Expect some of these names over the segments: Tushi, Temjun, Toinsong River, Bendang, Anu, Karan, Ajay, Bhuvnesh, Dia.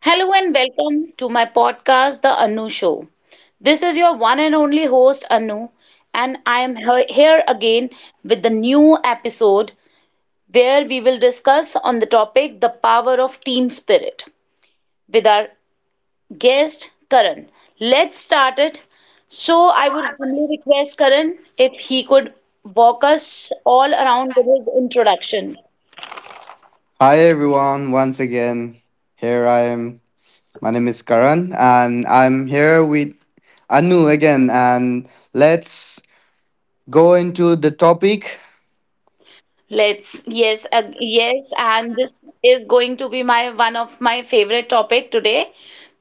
Hello and welcome to my podcast, The Anu Show. This is your one and only host, Anu, and I am here again with the new episode where we will discuss on the topic the power of team spirit with our guest, Karan. Let's start it. So, I would humbly request Karan if he could walk us all around with his introduction. Hi everyone, once again, here I am. My name is Karan and I'm here with Anu again, and let's go into the topic. Yes, and this is going to be my one of my favorite topic today,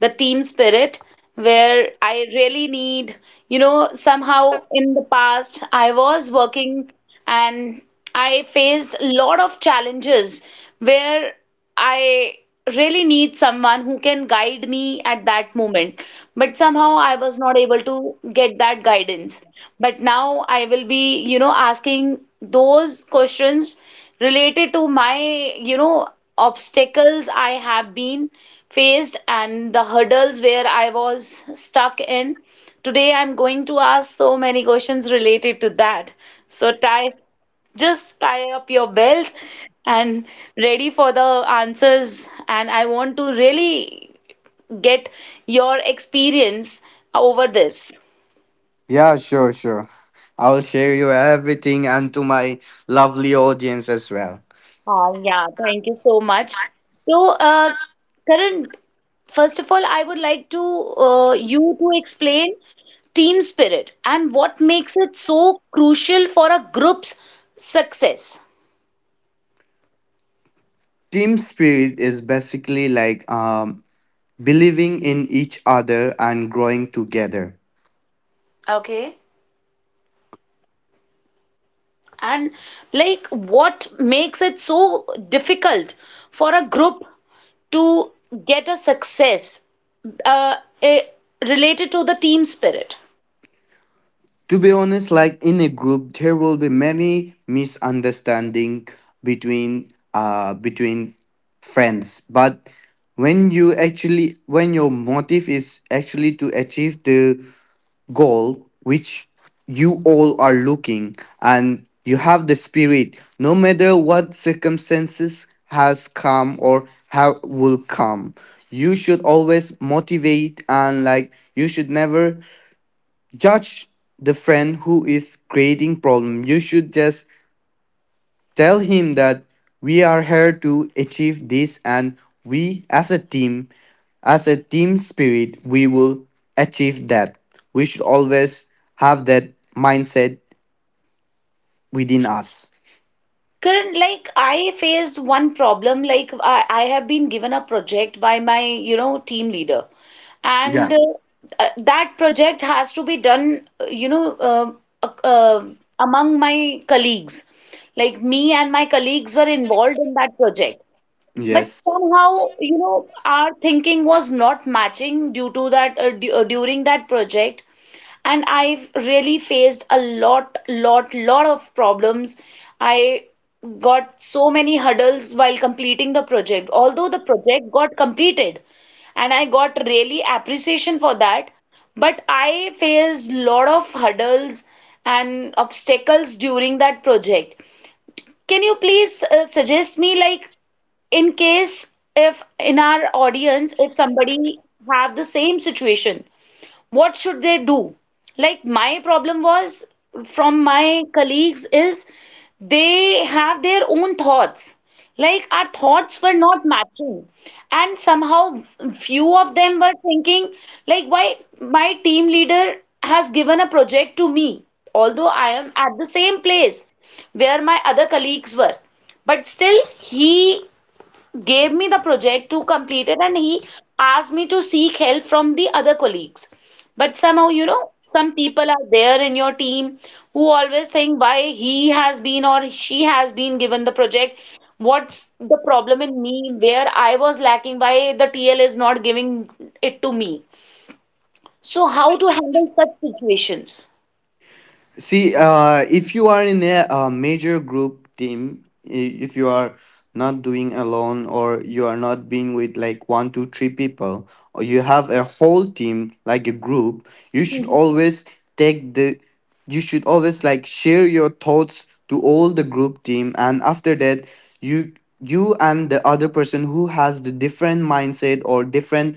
the team spirit, where I really need, somehow in the past I was working and I faced a lot of challenges where I really need someone who can guide me at that moment. But somehow I was not able to get that guidance. But now I will be asking those questions related to my, you know, obstacles I have been faced and the hurdles where I was stuck in. Today I'm going to ask so many questions related to that. So, just tie up your belt and ready for the answers. And I want to really get your experience over this. Yeah, sure, sure. I'll share you everything and to my lovely audience as well. Yeah, thank you so much. So, Karan, first of all, I would like to you to explain team spirit and what makes it so crucial for a group's success. Team spirit is basically like believing in each other and growing together. Okay. And like what makes it so difficult for a group to get a success uh, eh, related to the team spirit. To be honest, like in a group there will be many misunderstanding between friends. But when your motive is actually to achieve the goal which you all are looking, and you have the spirit no matter what circumstances has come or how will come, you should always motivate. And like you should never judge the friend who is creating problem. You should just tell him that we are here to achieve this, and we as a team spirit, we will achieve that. We should always have that mindset within us. Current, like I, faced one problem. Like I have been given a project by my team leader, Yeah, and that project has to be done, ac- uh, among my colleagues. Like me and my colleagues were involved in that project. But yes. somehow, you know, our thinking was not matching due to during that project. And I've really faced a lot of problems. I got so many hurdles while completing the project. Although the project got completed and I got really appreciation for that, but I faced lot of hurdles and obstacles during that project. Can you please suggest me like in case, if in our audience, if somebody have the same situation, what should they do? Like, my problem was from my colleagues is they have their own thoughts. Like, our thoughts were not matching, and somehow few of them were thinking like why my team leader has given a project to me, although I am at the same place where my other colleagues were, but still he gave me the project to complete it, and he asked me to seek help from the other colleagues. But somehow, some people are there in your team who always think why he has been or she has been given the project. What's the problem in me? Where I was lacking? Why the TL is not giving it to me? So, how to handle such situations? See, if you are in a, major group team, if you are not doing alone, or you are not being with like one, two, three people, or you have a whole team like a group, Mhm. Take the, you should always like share your thoughts to all the group team. And after that, you you and the other person who has the different mindset or different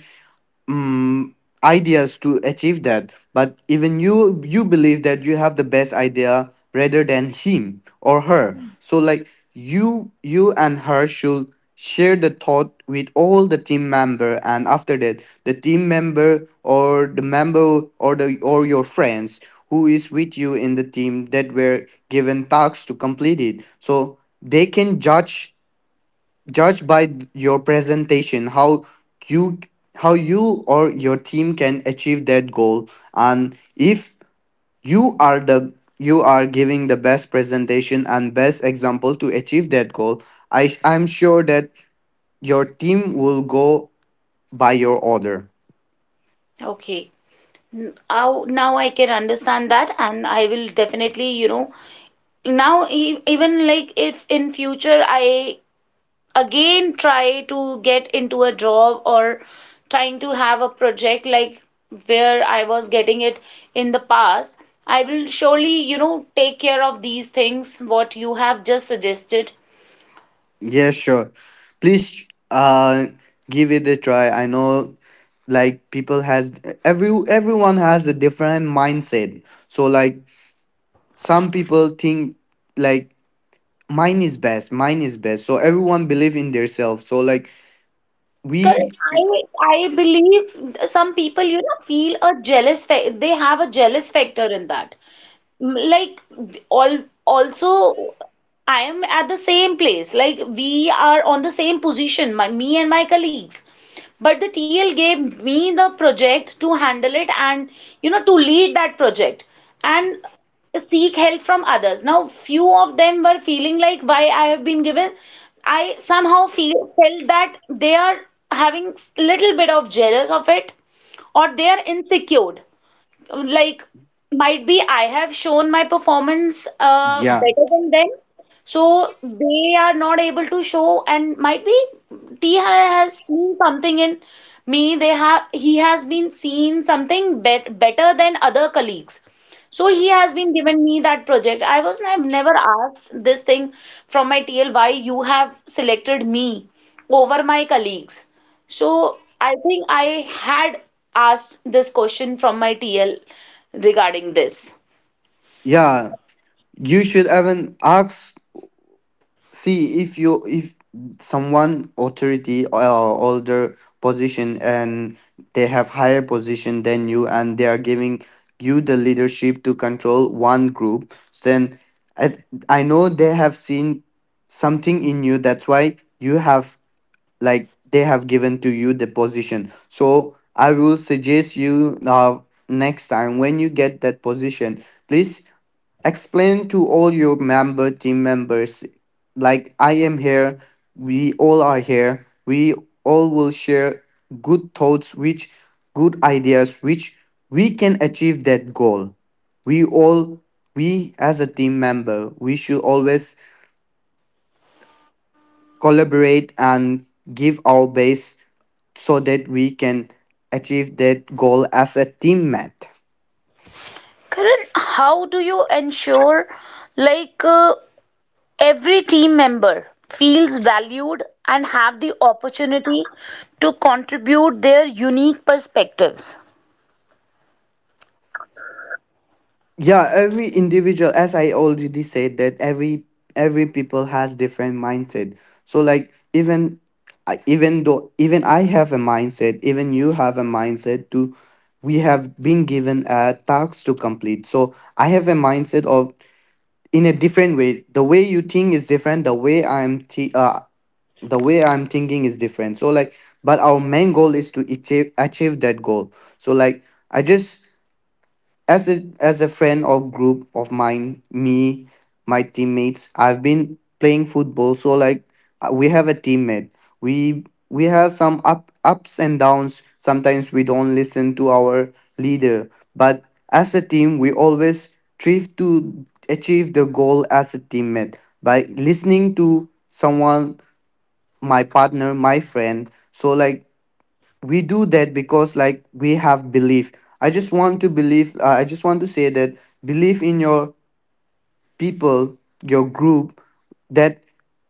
mm, ideas to achieve that. But even you believe that you have the best idea rather than him or her. So like you and her should share the thought with all the team member. And after that, the team member, or the member, or the or your friends who is with you in the team that were given tasks to complete it, so they can judge. Judge by your presentation how you or your team can achieve that goal. And if you are giving the best presentation and best example to achieve that goal, I'm sure that your team will go by your order. Okay. Now I can understand that, and I will definitely, now even, like, if in future I again try to get into a job or trying to have a project like where I was getting it in the past, I will surely take care of these things what you have just suggested. Yeah, sure. Please give it a try. I know, like people has, everyone has a different mindset. So like some people think, like mine is best, mine is best, so everyone believe in themselves, so like we. Correct. I believe some people feel a jealous fa they have a jealous factor in that. Like all also I am at the same place. Like we are on the same position, me and my colleagues. But the TL gave me the project to handle it and to lead that project and seek help from others. Now, few of them were feeling like why I have been given. I somehow feel felt that they are having little bit of jealous of it or they are insecure like might be I have shown my performance Yeah, better than them. So they are not able to show and might be T has seen something in me. They have he has been seen something better than other colleagues. So he has been given me that project. I've never asked this thing from my TL why you have selected me over my colleagues. So I think I had asked this question from my TL regarding this. yeah, you should even ask. See if someone authority or older position, and they have higher position than you, and they are giving you the leadership to control one group, then i, I know they have seen something in you. That's why you have like they have given to you the position. So I will suggest you, now next time when you get that position, please explain to all your member team members. Like I am here, we all are here, we all will share good thoughts which good ideas which we can achieve that goal. We all we as a team member, we should always collaborate and give our best so that we can achieve that goal as a teammate. Karan, how do you ensure like uh, every team member feels valued and have the opportunity to contribute their unique perspectives? Yeah, every individual, as I already said that, every people has different mindset. So like even, even though, even I have a mindset, even you have a mindset to, we have been given a task to complete, so I have a mindset of in a different way. The way you think is different, the way I'm thinking is different. So like but our main goal is to achieve that goal. So like I just as a friend of group of mine, me, my teammates, I've been playing football. So like we have a teammate. We have some up ups and downs, sometimes we don't listen to our leader. But as a team we always strive to achieve the goal as a teammate, by listening to someone, my partner, my friend. So like we do that because like we have belief. I just want to believe. I just want to say that believe in your people, your group, that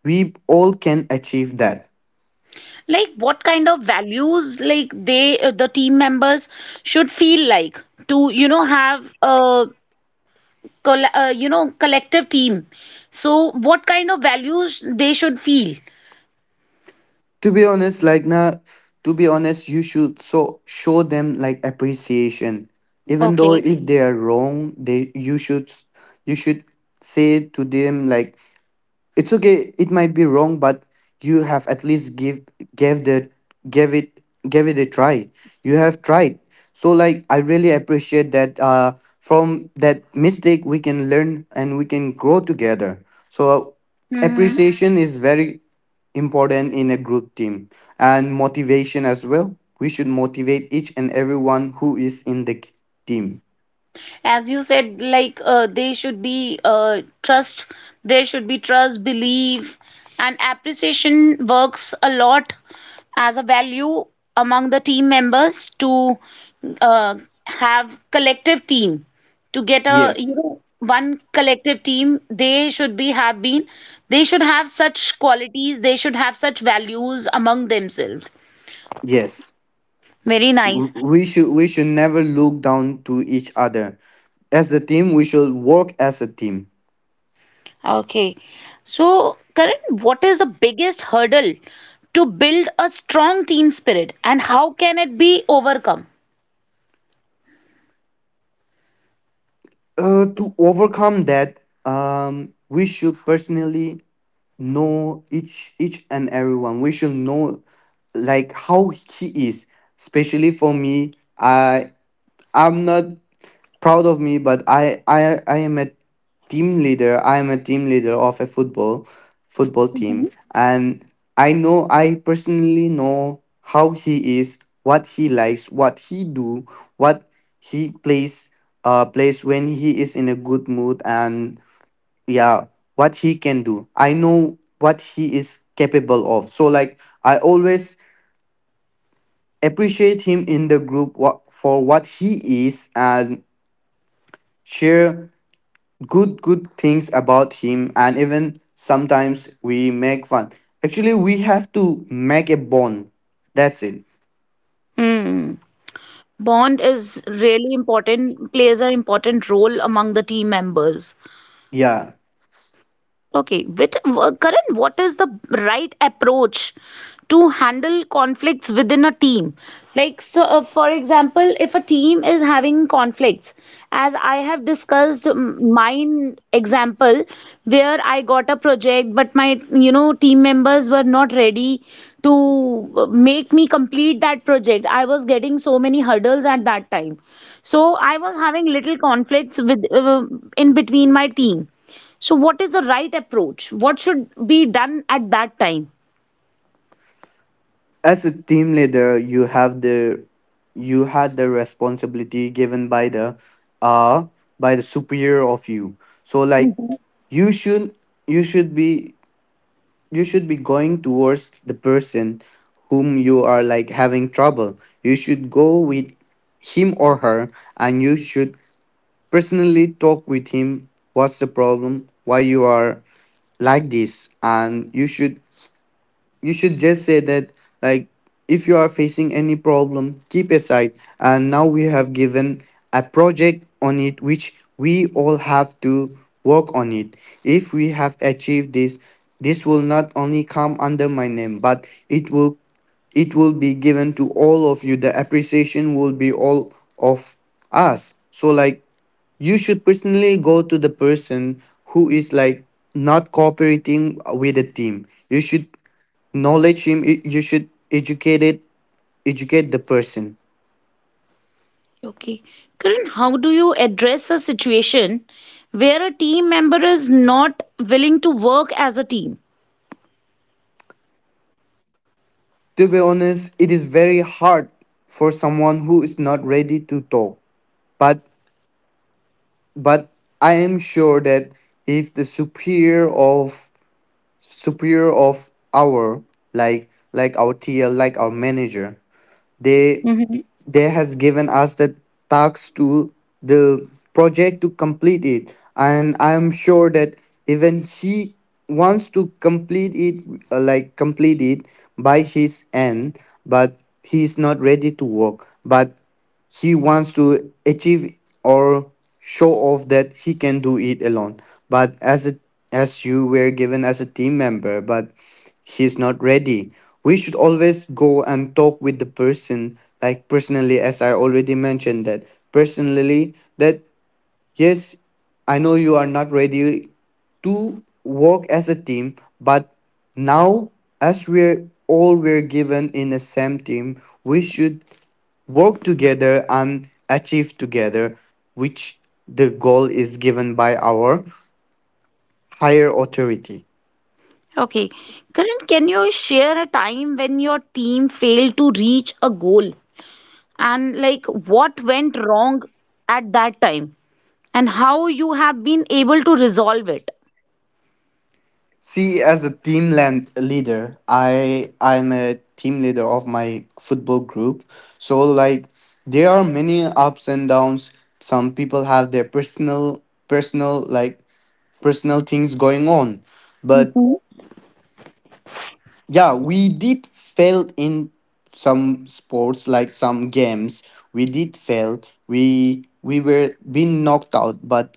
we all can achieve that. Like what kind of values like the team members should feel like to have collective team, so what kind of values they should feel. To be honest, like na, to be honest, you should show them like appreciation. Even though Okay. if they are wrong, they you should say to them like it's okay, it might be wrong, but you have at least give gave the gave it gave it a try, you have tried. So like I really appreciate that. From that mistake we can learn and we can grow together, so Mm-hmm. appreciation is very important in a group team, and motivation as well. We should motivate each and everyone who is in the team. As you said, like, they should be, trust, there should be trust, belief, and appreciation works a lot as a value among the team members to uh, have collective team. To get a Yes, you know one collective team, they should have such qualities. They should have such values among themselves. yes. Very nice. We should never look down to each other. As a team we should work as a team. Okay. So, Karan, what is the biggest hurdle to build a strong team spirit and how can it be overcome? To overcome that, we should personally know each and everyone. We should know like how he is. Especially for me, i I'm not proud of me, but I am a team leader, of a football team. And I personally know how he is, what he likes, what he do, what he plays when he is in a good mood. And yeah, what he can do, I know what he is capable of. So like I always appreciate him in the group, for what he is, and share good things about him. And even sometimes we make fun. Actually we have to make a bond, that's it. Hmm. Bond is really important, plays an important role among the team members. Yeah. Okay, with Karan, what is the right approach to handle conflicts within a team? Like, so for example, if a team is having conflicts, as I have discussed mine example, where I got a project, but my team members were not ready to make me complete that project. I was getting so many hurdles at that time, so I was having little conflicts with in between my team. So, what is the right approach? What should be done at that time? As a team leader, you had the responsibility given uh by the superior of you. So like Mhm. you should you should be you should be going towards the person whom you are like having trouble. You should go with him or her, and you should personally talk with him. What's the problem? Why you are like this? And you should just say that, like, if you are facing any problem, keep aside. And now we have given a project on it, which we all have to work on it. If we have achieved this will not only come under my name, but it will be given to all of you. The appreciation will be all of us. So like you should personally go to the person who is like not cooperating with the team. You should knowledge him. You should educate it Educate the person. Okay. Karan, how do you address a situation where a team member is not willing to work as a team? To be honest, it is very hard for someone who is not ready to talk, but but I am sure that if the superior of our, like our TL, like our manager. They Mhm. they has given us task to the project to complete it. And I am sure that even he wants to complete it by his end. But he's not ready to work, but he wants to achieve, or show off, that he can do it alone. But as a, as you were given as a team member, but he's not ready. We should always go and talk with the person, like personally, as I already mentioned that, personally, that yes, I know you are not ready to work as a team. But now, as we're given in the same team, we should work together and achieve together, which the goal is given by our higher authority. Okay. Karan, can you share a time when your team failed to reach a goal, and like what went wrong at that time and how you have been able to resolve it? See, as a team land leader, I'm a team leader of my football group. So like there are many ups and downs. Some people have their personal things going on, but Mhm. yeah, we did fail in some sports, like some games. We did fail. We were being knocked out. But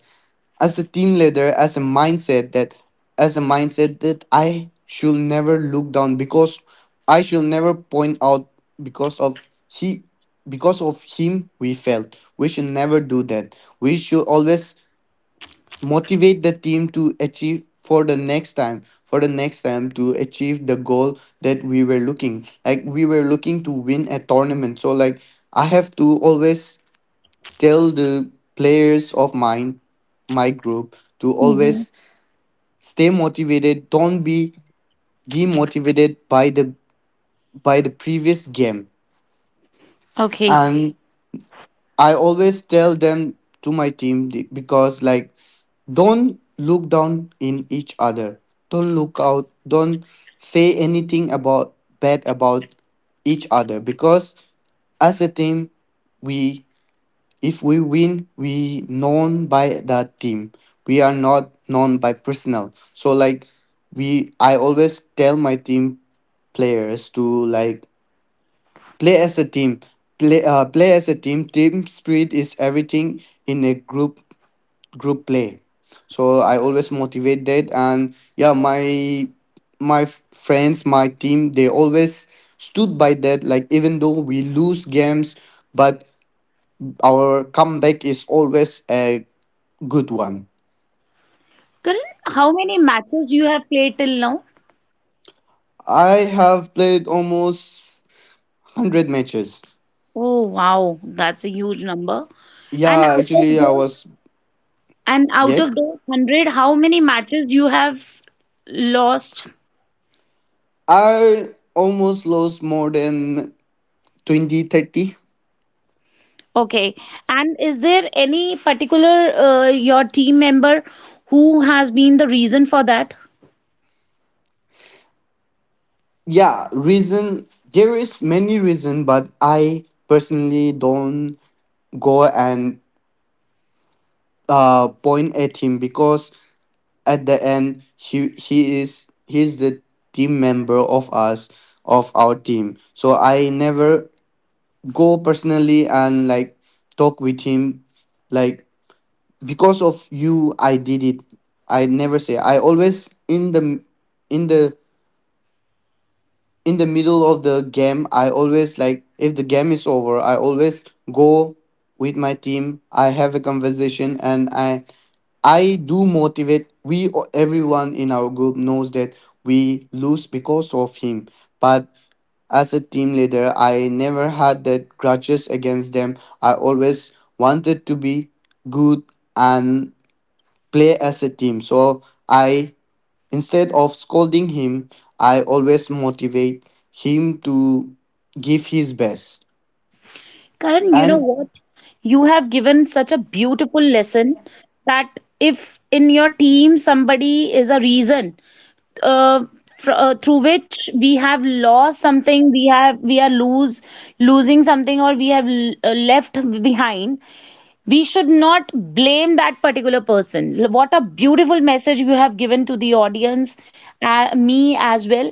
as a team leader, as a mindset that I should never look down, because I should never point out, because of he because of him we failed. We should never do that. We should always motivate the team to achieve for the next time to achieve the goal that we were looking, like we were looking to win a tournament. So like I have to always tell the players of mine, my group, to Mhm. always stay motivated. Don't be demotivated by the previous game. Okay. And I always tell them to my team, because like, don't look down in each other. Don't look out. Don't say anything about bad about each other. Because as a team, we if we win, we known by the team. We are not known by personal. So like I always tell my team players to like play as a team. Play as a team. Team spirit is everything in a group play. So I always motivate that, and yeah, friends, my team, they always stood by that. Like even though we lose games, but our comeback is always a good one. Karan, how many matches you have played till now? I have played almost 100 matches. Oh wow, that's a huge number. And Yeah, out of actually, I those, was and out yes, of those 100, how many matches you have lost? I almost lost more than 20, 30. Okay. And is there any particular your team member who has been the reason for that? Yeah reason there is many reason but I personally don't go and point at him because at the end he's the team member of us of our team, so I never go personally and like talk with him like because of you I did it. I never say. I always in the in the middle of the game, I always like if the game is over, I always go with my team, I have a conversation, and I do motivate. We Everyone in our group knows that we lose because of him, but as a team leader, I never had that grudges against them. I always wanted to be good and play as a team. So I, instead of scolding him, I always motivate him to give his best. Karan, you know And what? You have given such a beautiful lesson that if in your team somebody is a reason, uh, through which we have lost something, we have we are lose losing something, or we have left behind, we should not blame that particular person. What a beautiful message you have given to the audience, me as well,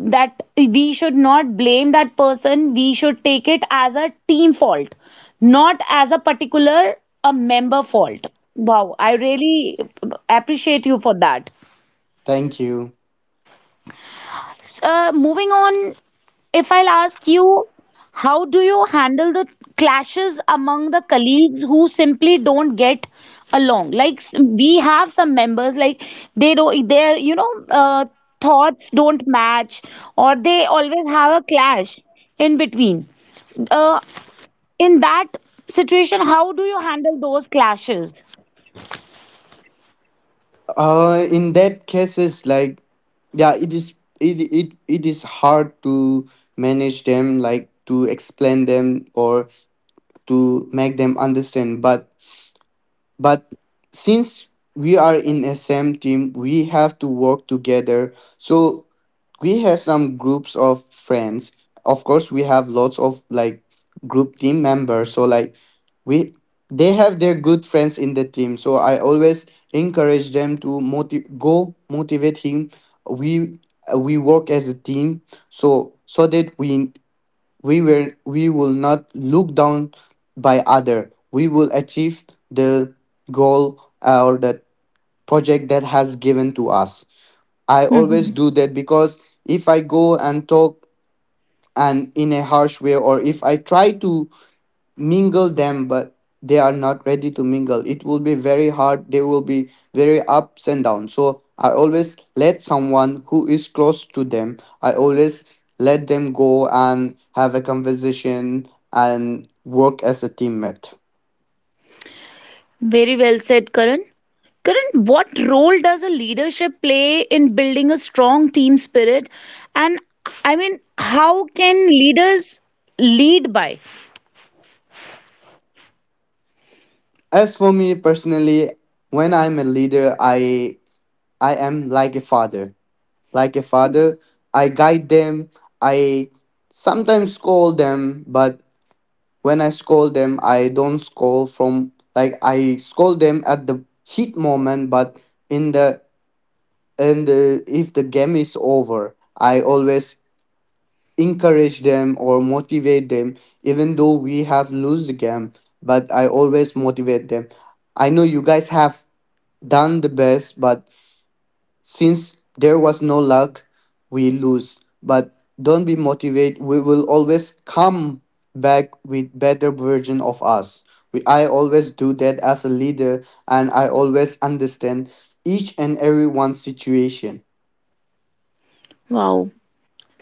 that we should not blame that person. We should take it as a team fault, not as a particular a member fault. Wow, I really appreciate you for that. thank you. Moving on, if I'll ask you, how do you handle the clashes among the colleagues who simply don't get along? Like, we have some members, like they don't, their, thoughts don't match, or they always have a clash in between. Uh, in that situation, how do you handle those clashes? In that cases, like, yeah, it is hard to manage them, like to explain them or to make them understand, but But since we are in a same team, we have to work together. So we have some groups of friends. Of course, we have lots of like group team members. So like we they have their good friends in the team. So I always encourage them to go motivate him. We we work as a team. So that we will not look down by other, we will achieve the goal, or the project that has given to us. I always do that because if I go and talk and in a harsh way, or if I try to mingle them but they are not ready to mingle, it will be very hard, there will be very ups and downs. So I always let someone who is close to them, I always let them go and have a conversation and work as a teammate. Very well said, Karan. Karan, what role does a leadership play in building a strong team spirit? And I mean, how can leaders lead by? As for me personally, when I'm a leader, I am like a father, like a father. I guide them, I sometimes scold them, but when I scold them, I don't scold from like I scold them at the heat moment, but in the in the, if the game is over, I always encourage them or motivate them, even though we have lose the game. But I always motivate them. I know you guys have done the best, but since there was no luck, we lose. But don't be motivated. We will always come back with better version of us. I always do that as a leader, and I always understand each and everyone's situation. Wow.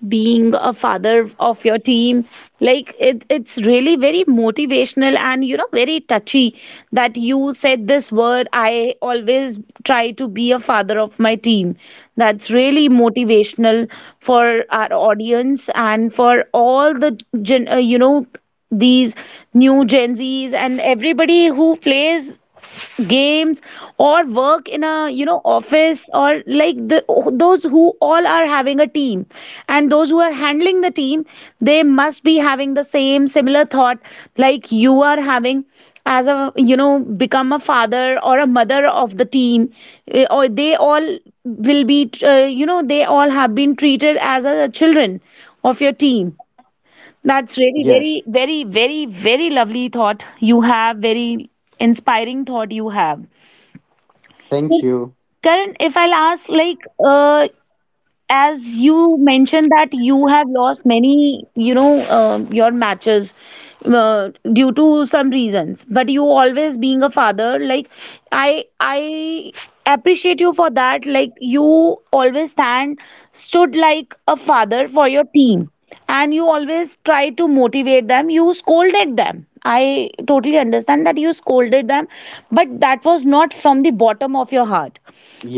Being a father of your team, like it's really very motivational and very touchy that you said this word, I always try to be a father of my team. That's really motivational for our audience and for all the gen, you know these new gen z's and everybody who plays games or work in a office or like the those who all are having a team, and those who are handling the team, they must be having the same similar thought like you are having, as a you know become a father or a mother of the team. Or they all will be they all have been treated as a children of your team. That's Yes. really very very very very lovely thought you have, very inspiring thought you have. Thank you. Karan, if I'll ask, like, as you mentioned that you have lost many your matches, due to some reasons, but you always being a father like I appreciate you for that, like you always stand stood like a father for your team, and you always try to motivate them. You scolded them, I totally understand that you scolded them, but that was not from the bottom of your heart,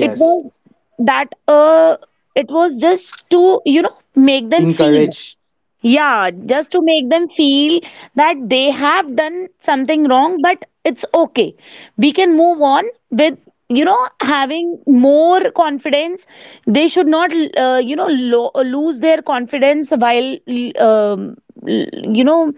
it was that uh it was just to make them feel, Encourage. yeah, just to make them feel that they have done something wrong, but it's okay, we can move on with having more confidence. They should not lose their confidence while um, you know,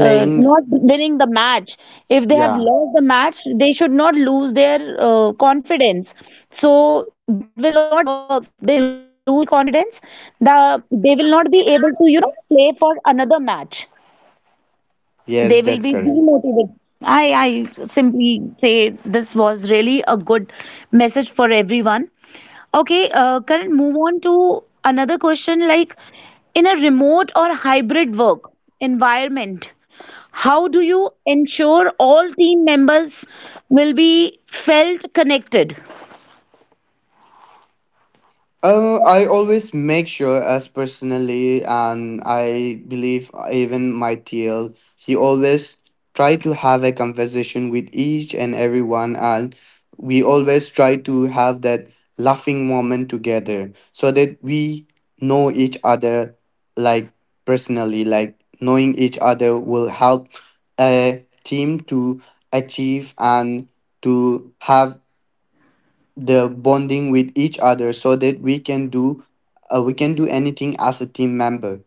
not winning the match. If they have Yeah. lost the match, they should not lose their confidence. So that will not work. If they lose the confidence, they will not be able to play for another match, Yes, they will that's be correct. demotivated. I, I simply say this was really a good message for everyone. Okay, Karan, move on to another question like in a remote or hybrid work environment, how do you ensure all team members will be felt connected? I always make sure as personally, and I believe even my TL, he always try to have a conversation with each and everyone, and we always try to have that laughing moment together so that we know each other, like personally, like knowing each other will help a team to achieve and to have the bonding with each other so that we can do, we can do anything as a team member.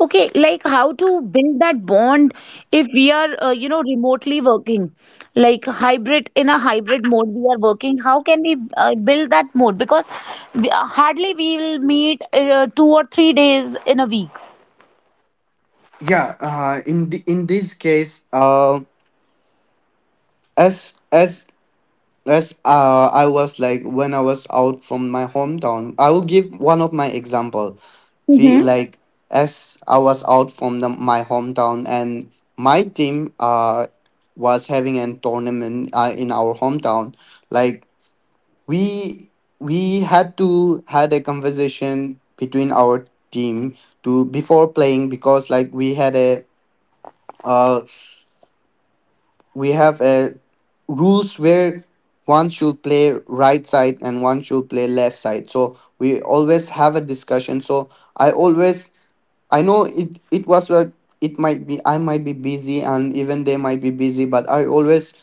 Okay, like how to build that bond if we are, remotely working, like hybrid in a hybrid mode we are working. How can we build that mode? Because hardly we will meet 2 or 3 days in a week. Yeah, in the, in this case, as as as I was like when I was out from my hometown, I will give one of my example. See, like as I was out from the, my hometown, and my team was having a tournament in our hometown, like we had a conversation between our team to before playing because like uh we have a rules where one should play right side and one should play left side, so we always have a discussion. So I always, I know it, it was like it might be, I might be busy, and even they might be busy, but I always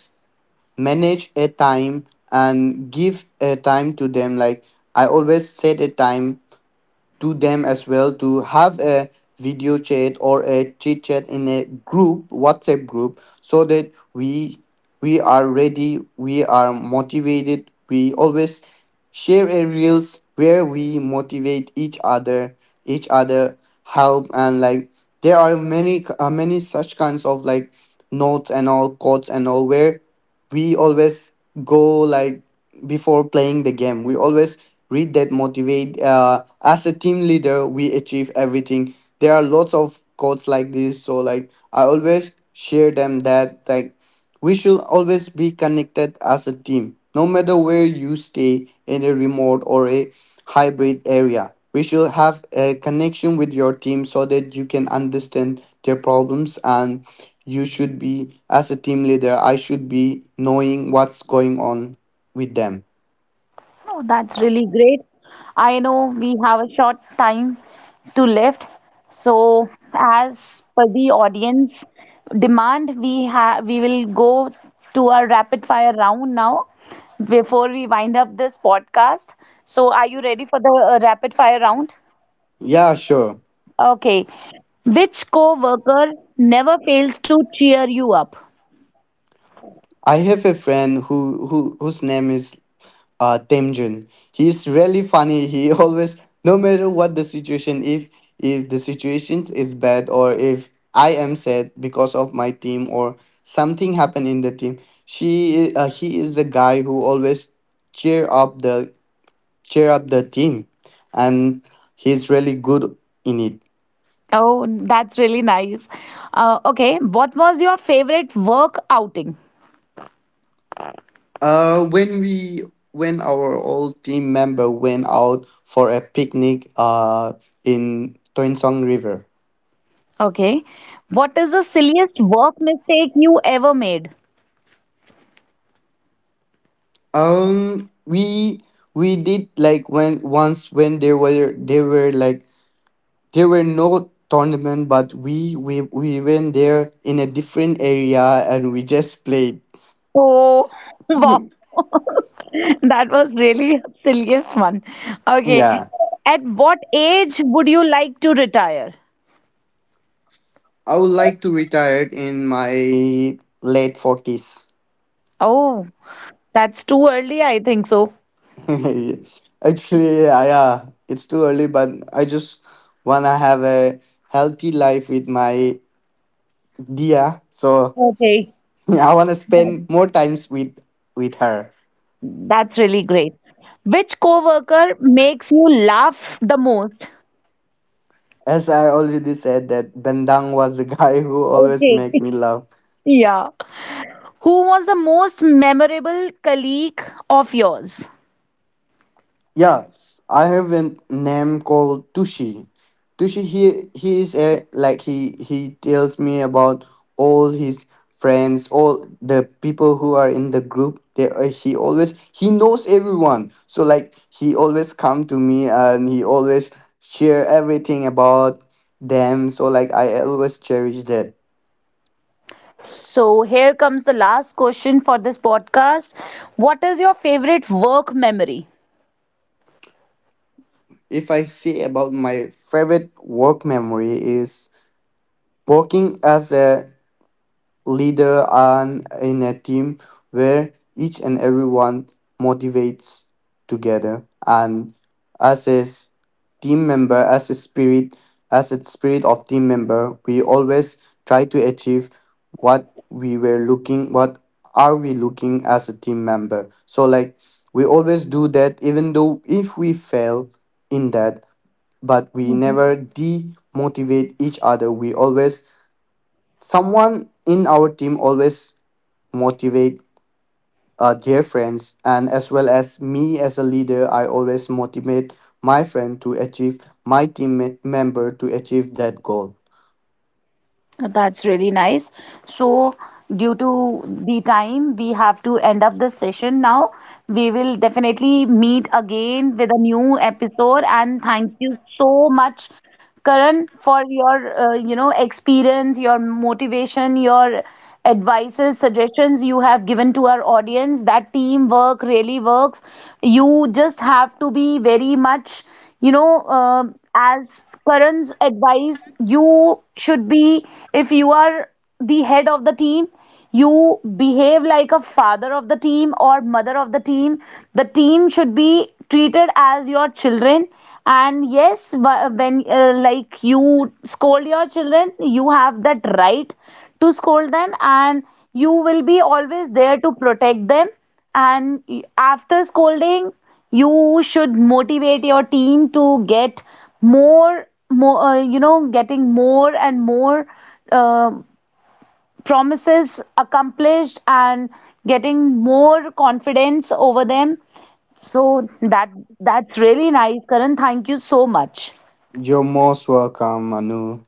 manage a time and give a time to them, like I always set a time to them as well to have a video chat or a chit chat in a group WhatsApp group so that we are ready, we are motivated, we always share a reels where we motivate each other, help, and like there are many many such kinds of like notes and all, quotes and all, where we always go like before playing the game, we always read that motivate, as a team leader, we achieve everything. There are lots of quotes like this, so like I always share them that like we should always be connected as a team, no matter where you stay in a remote or a hybrid area. We should have a connection with your team so that you can understand their problems, and you should be, as a team leader, I should be knowing what's going on with them. Oh, that's really great. I know we have a short time to left. So, as per the audience demand, we will go to our rapid fire round now before we wind up this podcast. So, are you ready for the rapid fire round? Yeah, sure. Okay. Which co-worker never fails to cheer you up? I have a friend who, whose name is Temjun. He's really funny. He always, no matter what the situation, if the situation is bad, or if I am sad because of my team or something happened in the team, she he is the guy who always cheer up the cheer up the team, and he's really good in it. Oh, that's really nice. Okay. What was your favorite work outing? When we when our old team member went out for a picnic in Toinsong River. Okay. What is the silliest work mistake you ever made? We did, like when once, when there were like there were no tournament, but we went there in a different area and we just played. Oh, wow. That was really a silliest one. Okay. Yeah. At what age would you like to retire? I would like to retire in my late 40s. Oh, that's too early, I think so. Actually, I, yeah, it's too early, but I just wanna have a healthy life with my Dia. So Okay. I wanna That, spend more times with her. that's really great. Which coworker makes you laugh the most? As I already said, that Bendang was the guy who always Okay. make me laugh. Yeah. Who was the most memorable colleague of yours? Yeah, I have a name called Tushi. Tushi, he is a like he tells me about all his friends, all the people who are in the group. He always, he knows everyone. So like he always come to me and he always share everything about them. So like I always cherish that. So here comes the last question for this podcast. What is your favorite work memory? If I say about my favorite work memory, is working as a leader and in a team where each and everyone motivates together, and as a s- team member, as a spirit, of team member, we always try to achieve what we were looking, what are we looking as a team member. So like we always do that, even though if we fail in that, but we never demotivate each other. We always, someone in our team always motivate, their friends, and as well as me, as a leader, I always motivate my friend to achieve, my teammate member to achieve that goal. That's really nice. So, due to the time, we have to end up this session now. We will definitely meet again with a new episode. And thank you so much, Karan, for your experience, your motivation, your advices, suggestions you have given to our audience. That teamwork really works. You just have to be very much you know uh, as karan's advice, you should be, if you are the head of the team, you behave like a father of the team or mother of the team. The team should be treated as your children, and yes, when, like, you scold your children, you have that right to scold them, and you will be always there to protect them, and after scolding, you should motivate your team to get more, getting more and more uh, promises accomplished, and getting more confidence over them, so that's really nice, Karan, thank you so much. You're most welcome, Manu.